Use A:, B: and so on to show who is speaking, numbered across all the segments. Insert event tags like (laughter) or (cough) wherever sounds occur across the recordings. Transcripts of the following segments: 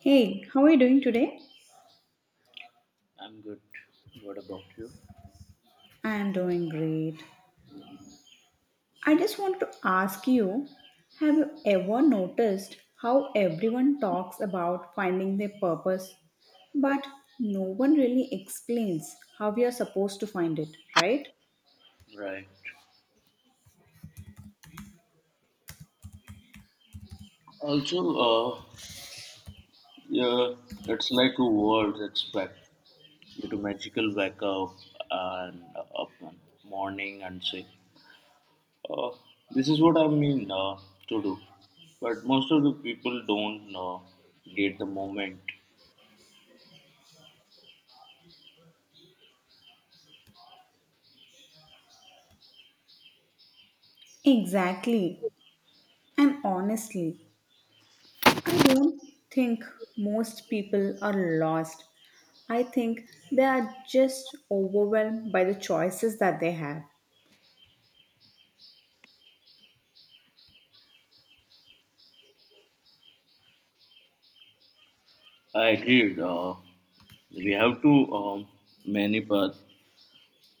A: Hey, how are you doing today?
B: I'm good. What about you?
A: I am doing great. I just want to ask you, have you ever noticed how everyone talks about finding their purpose, but no one really explains how we are supposed to find it, right?
B: Right. Also, yeah, it's like a world expect you to magical wake up and up on morning and say, "Oh, this is what I mean to do." But most of the people don't get the moment.
A: Exactly. And honestly, I don't think most people are lost. I think they are just overwhelmed by the choices that they have.
B: I agreed. We have to many path,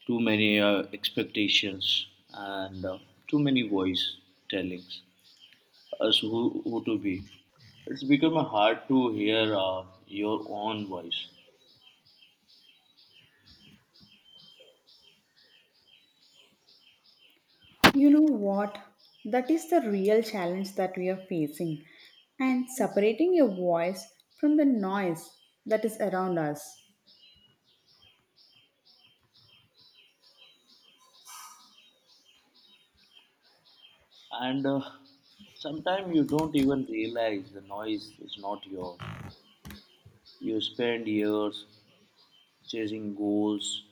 B: too many expectations and too many voice tellings. As who to be. It's become hard to hear your own voice,
A: You know what? That is the real challenge that we are facing. And separating your voice from the noise that is around us.
B: and sometimes you don't even realize the noise is not yours. You spend years chasing goals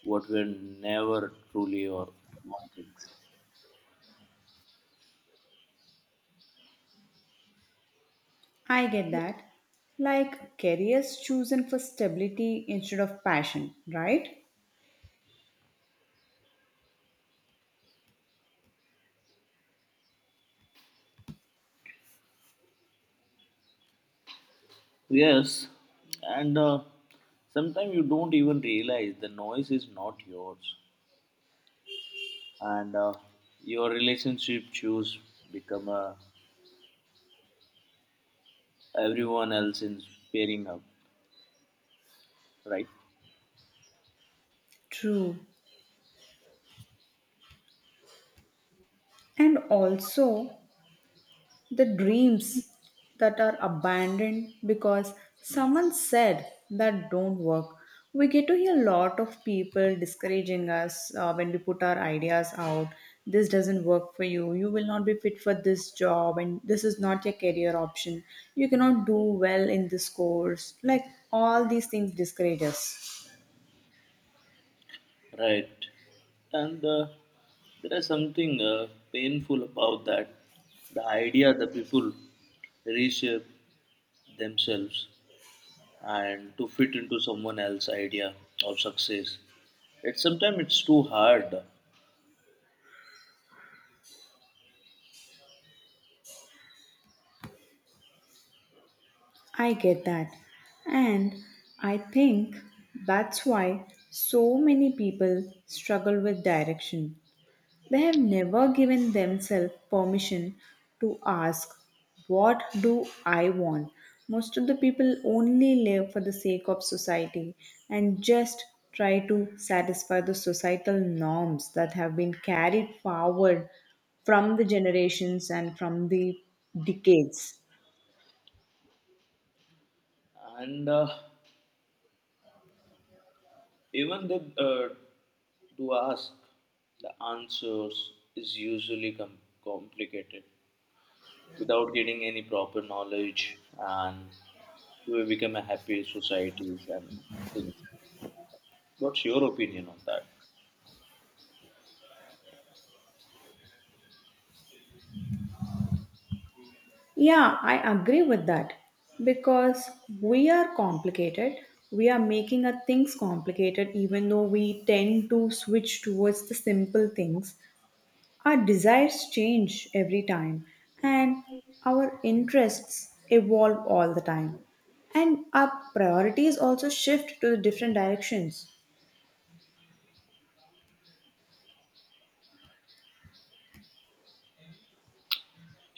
B: what were never truly your own.
A: I get that. Like careers chosen for stability instead of passion, right?
B: Yes, and sometimes you don't even realize the noise is not yours, and your relationship choose become everyone else is pairing up, right?
A: True. And also, the dreams that are abandoned because someone said that don't work. We get to hear a lot of people discouraging us when we put our ideas out. This doesn't work for you. You will not be fit for this job, and this is not your career option. You cannot do well in this course. Like all these things discourage us.
B: Right. And there is something painful about that. The idea that people reshape themselves and to fit into someone else's idea of success. It's sometimes it's too hard.
A: I get that. And I think that's why so many people struggle with direction. They have never given themselves permission to ask, what do I want? Most of the people only live for the sake of society and just try to satisfy the societal norms that have been carried forward from the generations and from the decades.
B: And even the to ask the answers is usually complicated. Without getting any proper knowledge, and we will become a happy societies and things. What's your opinion on that?
A: Yeah, I agree with that because we are complicated. We are making our things complicated, even though we tend to switch towards the simple things. Our desires change every time, and our interests evolve all the time. And our priorities also shift to the different directions.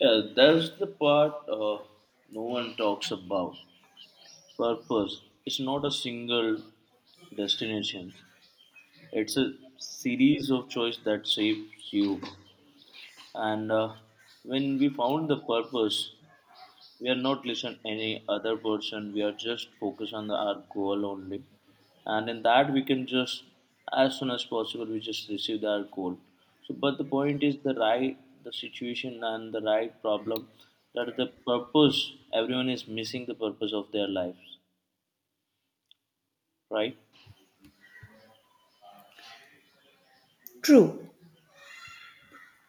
B: Yeah, that's the part no one talks about. Purpose. It's not a single destination. It's a series of choice that shapes you. And when we found the purpose, we are not listen any other person. We are just focus on our goal only, and in that we can just as soon as possible we just receive our goal. So, but the point is the right the situation and the right problem that the purpose everyone is missing the purpose of their lives, right?
A: True.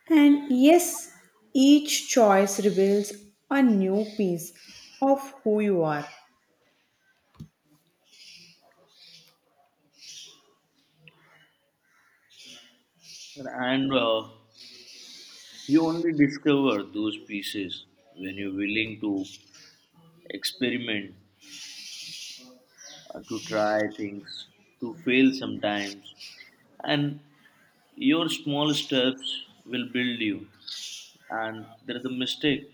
A: And yes, each choice reveals a new piece of who you are.
B: And you only discover those pieces when you're willing to experiment, to try things, to fail sometimes. And your small steps will build you, and there is a mistake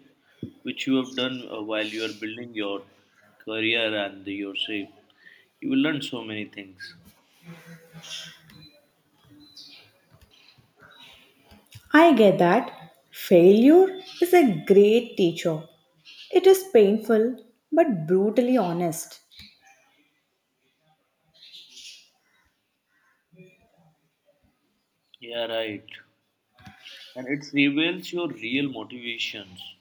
B: which you have done while you are building your career and yourself. You will learn so many things.
A: I get that. Failure is a great teacher. It is painful but brutally honest.
B: Yeah, right. And it reveals your real motivations.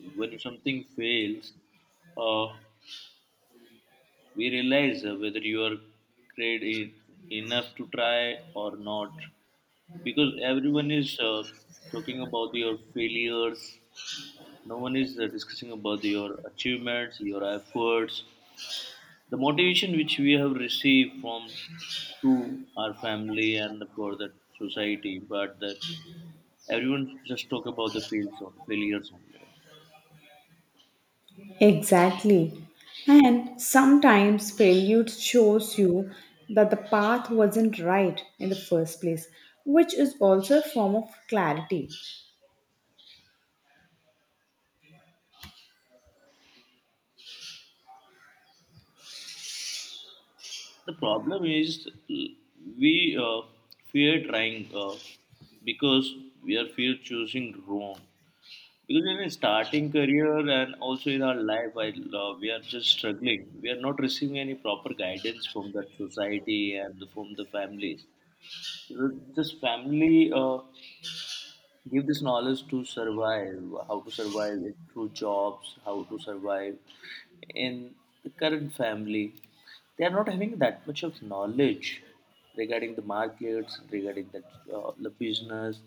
B: When something fails, uh, we realize whether you are great e- enough to try or not. Because everyone is talking about your failures, no one is discussing about your achievements, your efforts, the motivation which we have received from to our family and for the society, but the, everyone just talk about the fails on failures only.
A: Exactly. And sometimes failure shows you that the path wasn't right in the first place, which is also a form of clarity.
B: The problem is we fear trying because we are fear choosing wrong. Because in a starting career and also in our life, while we are just struggling, we are not receiving any proper guidance from that society and from the families. So this family give this knowledge to survive, how to survive it through jobs, how to survive in the current family. They are not having that much of knowledge regarding the markets, regarding the business,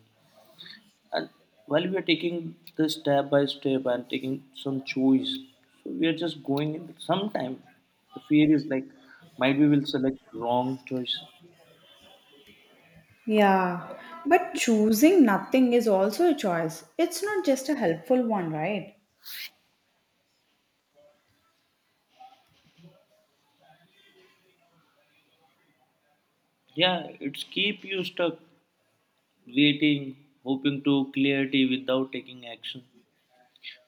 B: and while we are taking this step by step and taking some choice, so we are just going in sometime the fear is like might we will select wrong choice.
A: Yeah, but choosing nothing is also a choice. It's not just a helpful one, right?
B: Yeah, it's keep you stuck, waiting, hoping to clarity without taking action.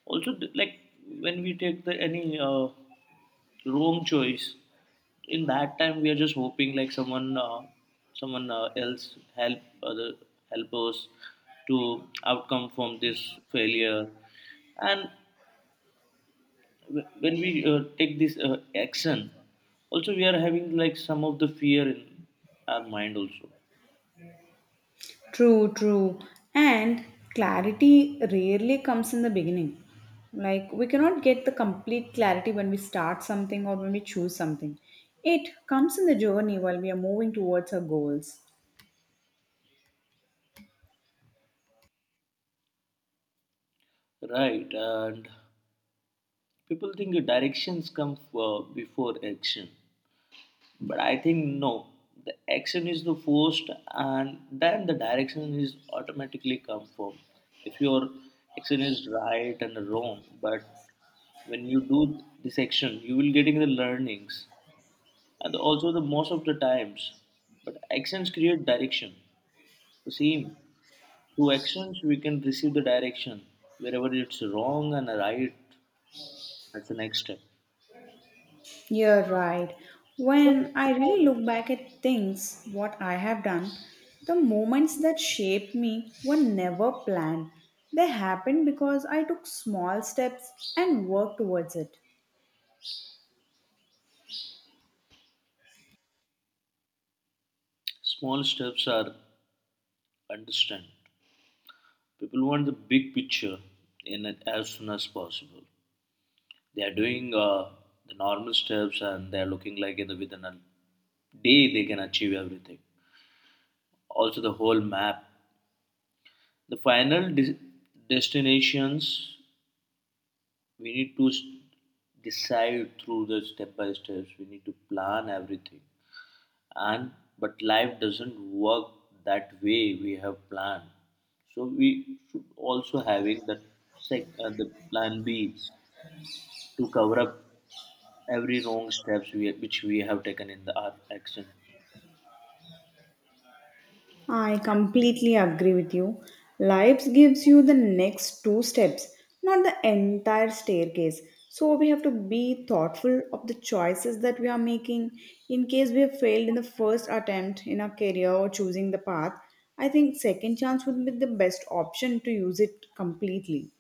B: Also like when we take the any wrong choice, in that time we are just hoping like someone else help other help us to outcome from this failure. And when we take this action, also we are having like some of the fear in our mind also.
A: True, true. And clarity rarely comes in the beginning. Like, we cannot get the complete clarity when we start something or when we choose something. It comes in the journey while we are moving towards our goals.
B: Right, and people think the directions come before action. But I think no, the action is the forced, and then the direction is automatically come from. If your action is right and wrong, but when you do this action, you will getting the learnings, and also the most of the times. But actions create direction. The same through actions we can receive the direction wherever it's wrong and right. That's the next step.
A: You're right. When I really look back at things, what I have done, the moments that shaped me were never planned. They happened because I took small steps and worked towards it.
B: Small steps are understand. People want the big picture in it as soon as possible. They are doing the normal steps, and they are looking like in the, within a day they can achieve everything. Also, the whole map. The final destinations we need to decide through the step by steps. We need to plan everything. And but life doesn't work that way we have planned. So we should also having that the plan B to cover up every wrong steps we, which we have taken in the, our action.
A: I completely agree with you. Lives gives you the next two steps, not the entire staircase. So we have to be thoughtful of the choices that we are making. In case we have failed in the first attempt in our career or choosing the path, I think second chance would be the best option to use it completely.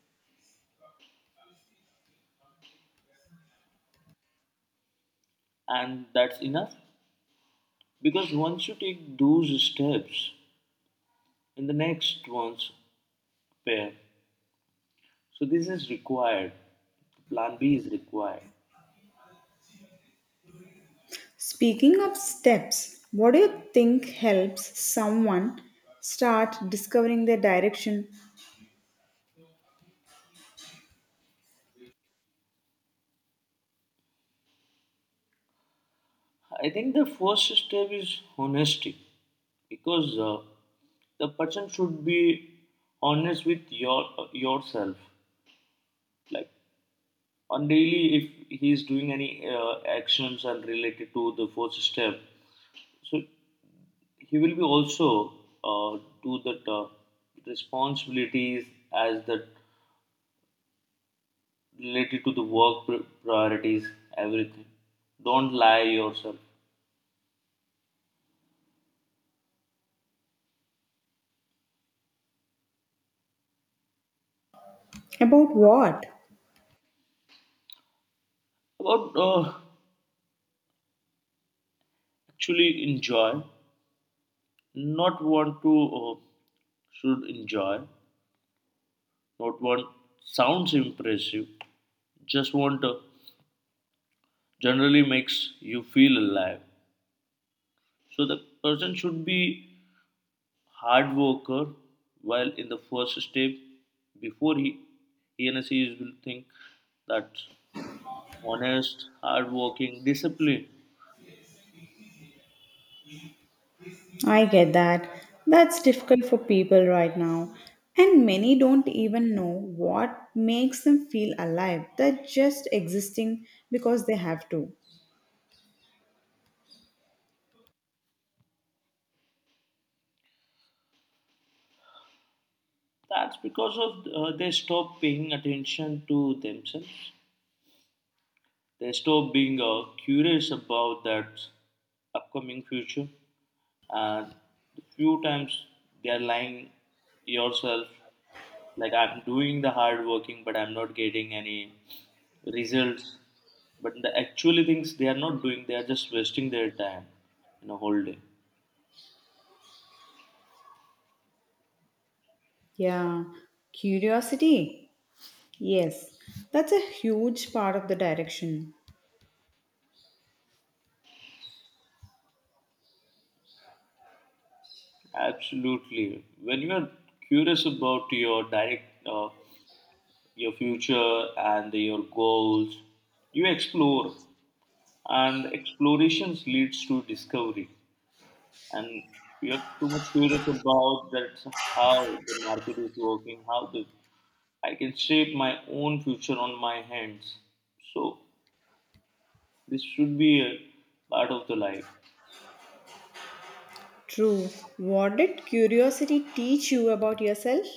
B: And that's enough because once you take those steps in the next ones pair, so this is required, plan b is required.
A: Speaking of steps, what do you think helps someone start discovering their direction?
B: I think the first step is honesty, because the person should be honest with your yourself, like on daily if he is doing any actions and related to the first step, so he will be also do that responsibilities as that related to the work priorities, everything. Don't lie yourself.
A: About what?
B: About actually enjoy, not want to, uh, should enjoy, not want sounds impressive, just want generally makes you feel alive. So the person should be hard worker, while in the first step before he and she will think that honest, hardworking, disciplined.
A: I get that. That's difficult for people right now. And many don't even know what makes them feel alive. They're just existing because they have to.
B: That's because of they stop paying attention to themselves. They stop being curious about that upcoming future, and the few times they are lying yourself like I'm doing the hard working but I'm not getting any results. But the actually things they are not doing, they are just wasting their time in a whole day.
A: Yeah. Curiosity. Yes. That's a huge part of the direction.
B: Absolutely, when you are curious about your direct your future and your goals, you explore, and explorations leads to discovery. And we are too much curious about that how the market is working, how the I can shape my own future on my hands. So this should be a part of the life.
A: True. What did curiosity teach you about yourself?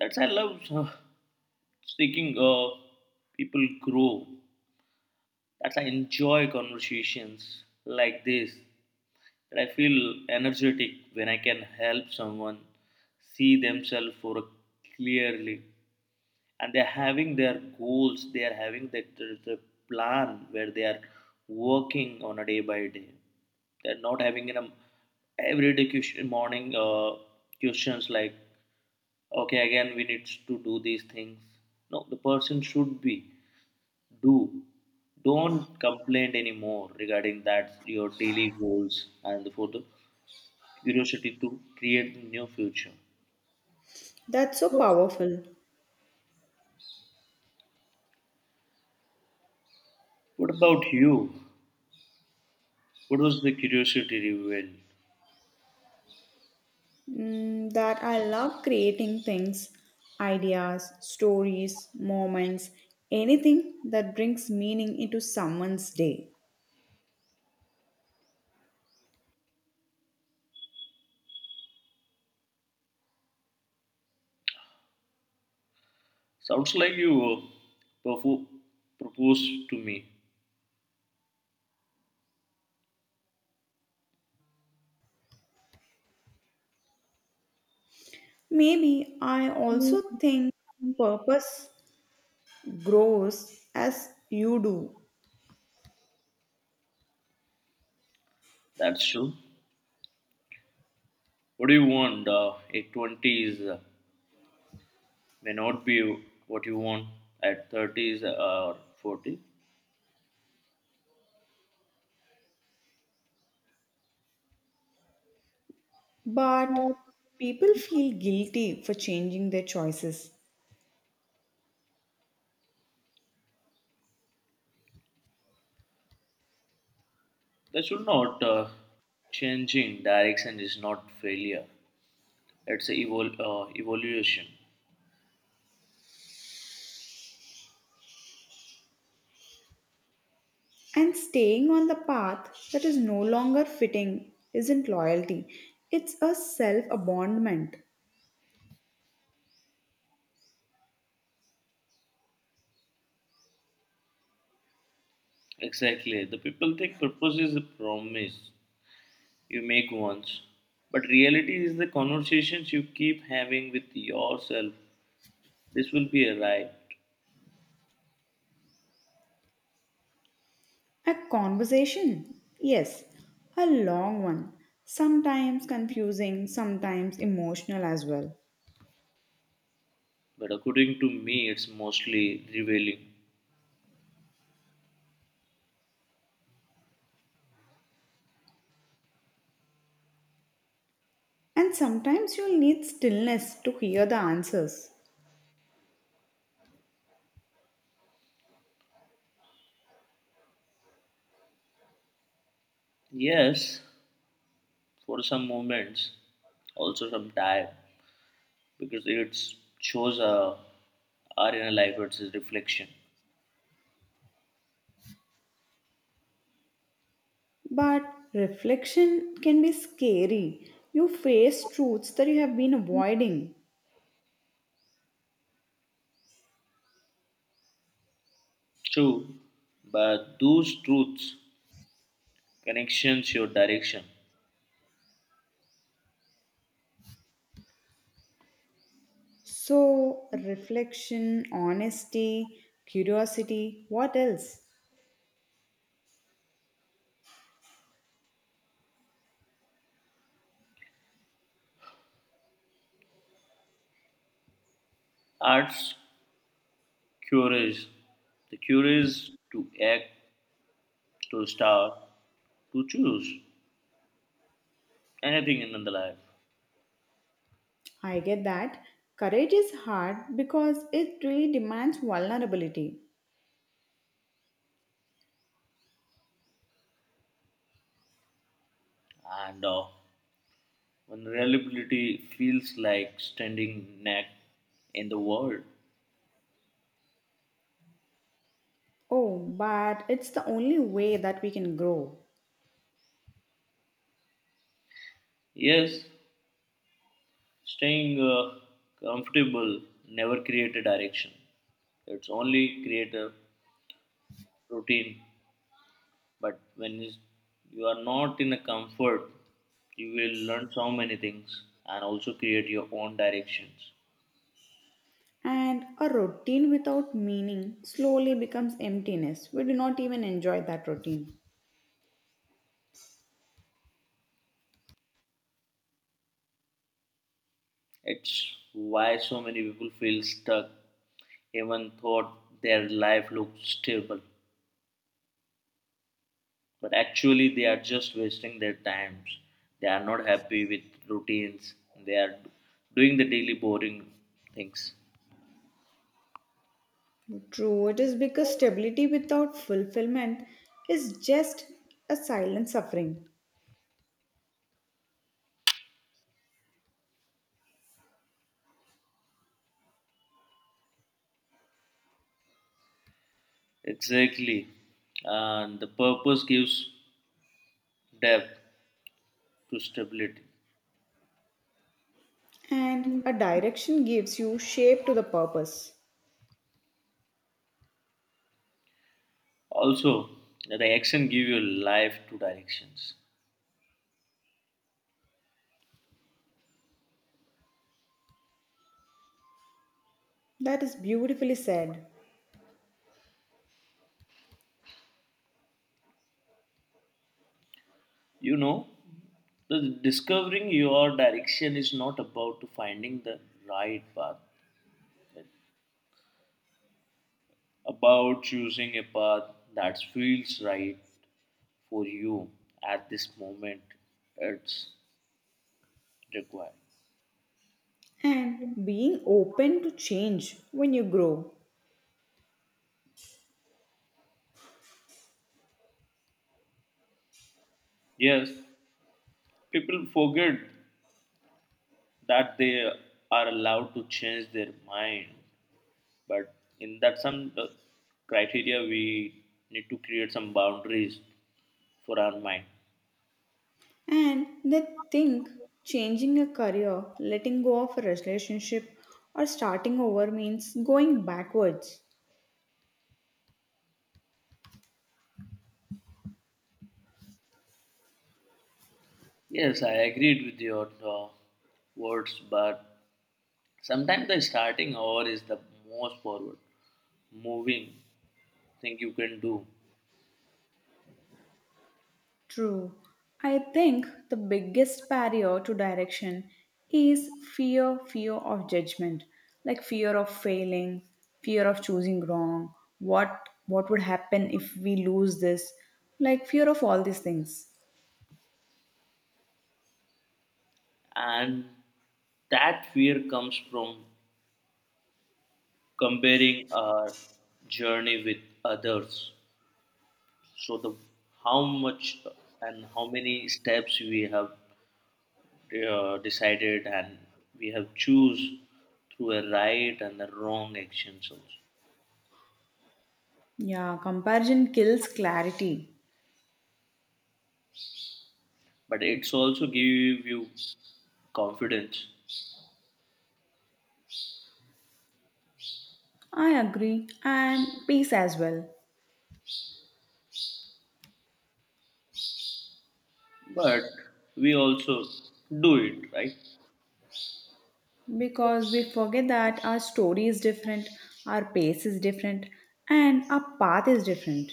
B: That's I love speaking people grow. That's I enjoy conversations like this. That I feel energetic when I can help someone see themselves for a clearly, and they're having their goals, they are having the plan where they are working on a day by day. They're not having in a everyday question, morning questions like okay again we need to do these things. No, the person should be do, don't complain anymore regarding that your daily goals and for the curiosity to create new future.
A: That's so powerful.
B: What about you? What was the curiosity revealed?
A: Mm, that I love creating things, ideas, stories, moments, anything that brings meaning into someone's day.
B: Sounds like you propo- proposed to me.
A: Maybe I also think purpose grows as you do,
B: That's true. What do you want? At 20s may not be what you want at 30s or 40s.
A: but people feel guilty for changing their choices.
B: That should not. Changing direction is not failure. It's a evolution.
A: And staying on the path that is no longer fitting isn't loyalty, it's a self abandonment.
B: Exactly. The people think purpose is a promise you make once, but reality is the conversations you keep having with yourself. This will be arrived.
A: A conversation? Yes, a long one. Sometimes confusing, sometimes emotional as well.
B: But according to me, it's mostly revealing.
A: And sometimes you'll need stillness to hear the answers.
B: Yes, for some moments, also some time, because it shows a our inner life, it's a reflection.
A: But reflection can be scary. You face truths that you have been avoiding.
B: True, but those truths, connections, your direction.
A: So, reflection, honesty, curiosity, what else?
B: Arts cures. The cure is to act, to start, to choose anything in the life.
A: I get that. Courage is hard because it really demands vulnerability.
B: And vulnerability feels like standing neck in the world.
A: Oh, but it's the only way that we can grow.
B: Yes, staying comfortable never create a direction. It's only create a routine. But when you are not in a comfort, you will learn so many things and also create your own directions.
A: And a routine without meaning slowly becomes emptiness. We do not even enjoy that routine.
B: It's why so many people feel stuck even though their life looks stable. But actually they are just wasting their times, they are not happy with routines, they are doing the daily boring things.
A: True, it is because stability without fulfillment is just a silent suffering.
B: Exactly, and the purpose gives depth to stability.
A: And a direction gives you shape to the purpose.
B: Also the action give your life two directions.
A: That is beautifully said.
B: You know, the discovering your direction is not about to finding the right path. It's about choosing a path that feels right for you at this moment, it's required.
A: And being open to change when you grow.
B: Yes, people forget that they are allowed to change their mind, but in that some criteria we need to create some boundaries for our mind.
A: And they think changing a career, letting go of a relationship, or starting over means going backwards.
B: Yes, I agreed with your words, but sometimes the starting hour is the most forward moving thing you can do.
A: True. I think the biggest barrier to direction is fear, fear of judgment, like fear of failing, fear of choosing wrong, what would happen if we lose this, like fear of all these things.
B: And that fear comes from comparing our journey with others. So the how much and how many steps we have decided and we have choose through a right and a wrong actions also.
A: Yeah, comparison kills clarity.
B: But it's also give you confidence.
A: I agree, and peace as well.
B: But we also do it right.
A: Because we forget that our story is different, our pace is different, and our path is different.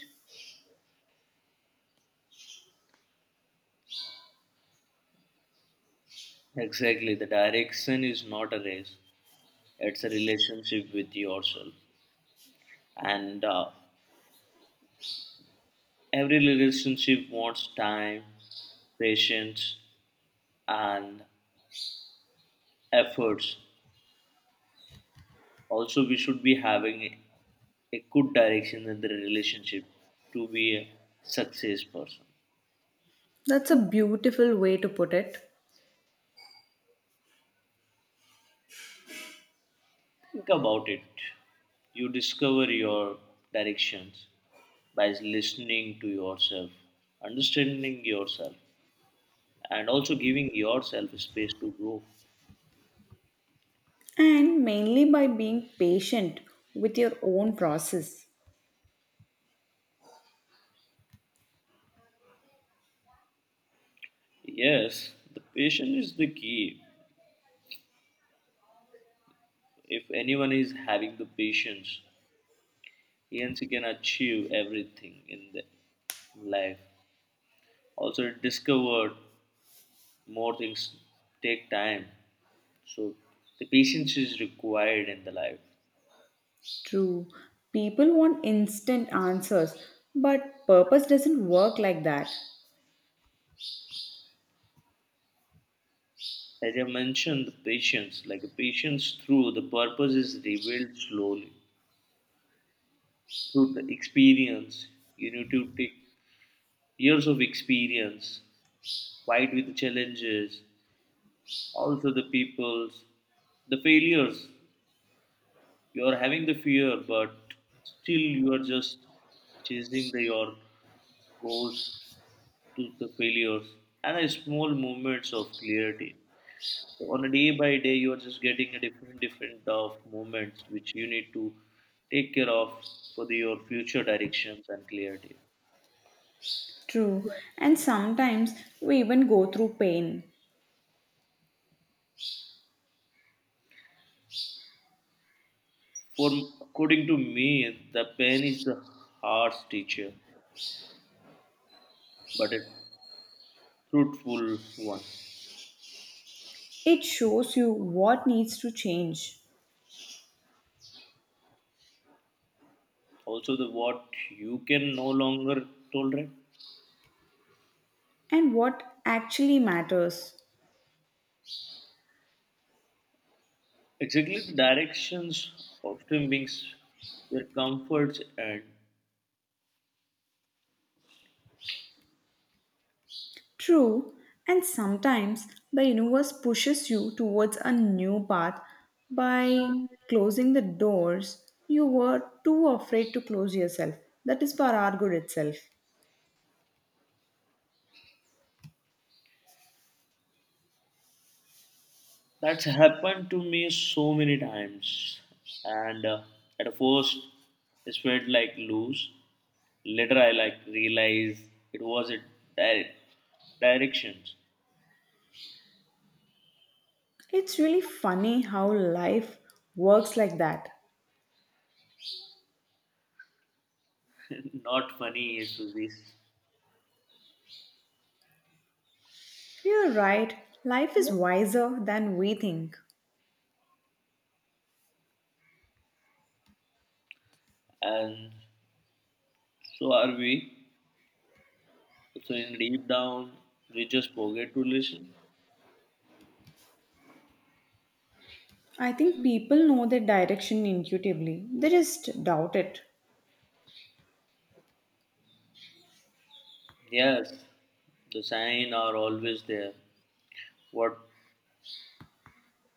B: Exactly, the direction is not a race; it's a relationship with yourself. And every relationship wants time, patience, and efforts. Also, we should be having a good direction in the relationship to be a success person.
A: That's a beautiful way to put it.
B: Think about it. You discover your directions by listening to yourself, understanding yourself, and also giving yourself space to grow.
A: And mainly by being patient with your own process.
B: Yes, the patience is the key. If anyone is having the patience, hence, you can achieve everything in the life. Also, discovered more things take time. So, the patience is required in the life.
A: True, people want instant answers, but purpose doesn't work like that.
B: As I mentioned, the patience, like the patience through the purpose is revealed slowly through the experience. You need to take years of experience, fight with the challenges, also the people's, the failures you are having the fear but still you are just chasing the, your goals to the failures and the small moments of clarity. So on a day by day you are just getting a different of moments which you need to take care of for the, your future directions and clarity.
A: True, and sometimes we even go through pain.
B: For according to me the pen is the harsh teacher but a truthful one.
A: It shows you what needs to change
B: Also the what you can no longer tolerate.
A: and what actually matters.
B: Exactly the directions often brings their comforts and
A: True, and sometimes the universe pushes you towards a new path by closing the doors you were too afraid to close yourself. That is for our good itself.
B: that's happened to me so many times. And at first it felt like loose, later I like realized it was a di- directions.
A: It's really funny how life works like that.
B: (laughs) Not funny is this.
A: You're right, life is wiser than we think.
B: And so are we, so in deep down we just forget to listen.
A: I think people know their direction intuitively, they just doubt it.
B: Yes, the sign are always there. What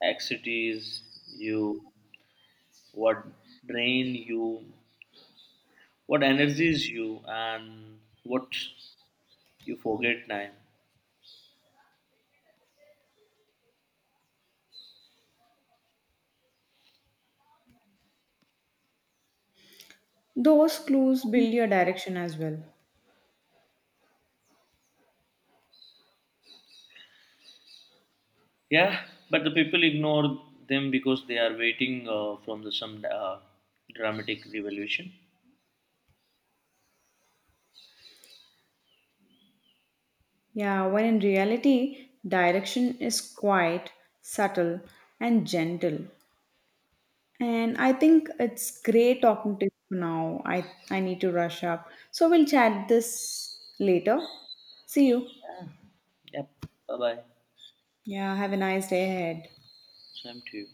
B: excites you, what drain you, what energies you, and what you forget time.
A: Those clues build your direction as well.
B: Yeah, but the people ignore them because they are waiting from the some dramatic revolution.
A: Yeah, when in reality, direction is quiet, subtle, and gentle. And I think it's great talking to you now. I need to rush up. So we'll chat this later. See you.
B: Yeah. Yep. Bye bye.
A: Yeah, have a nice day ahead.
B: Same to you.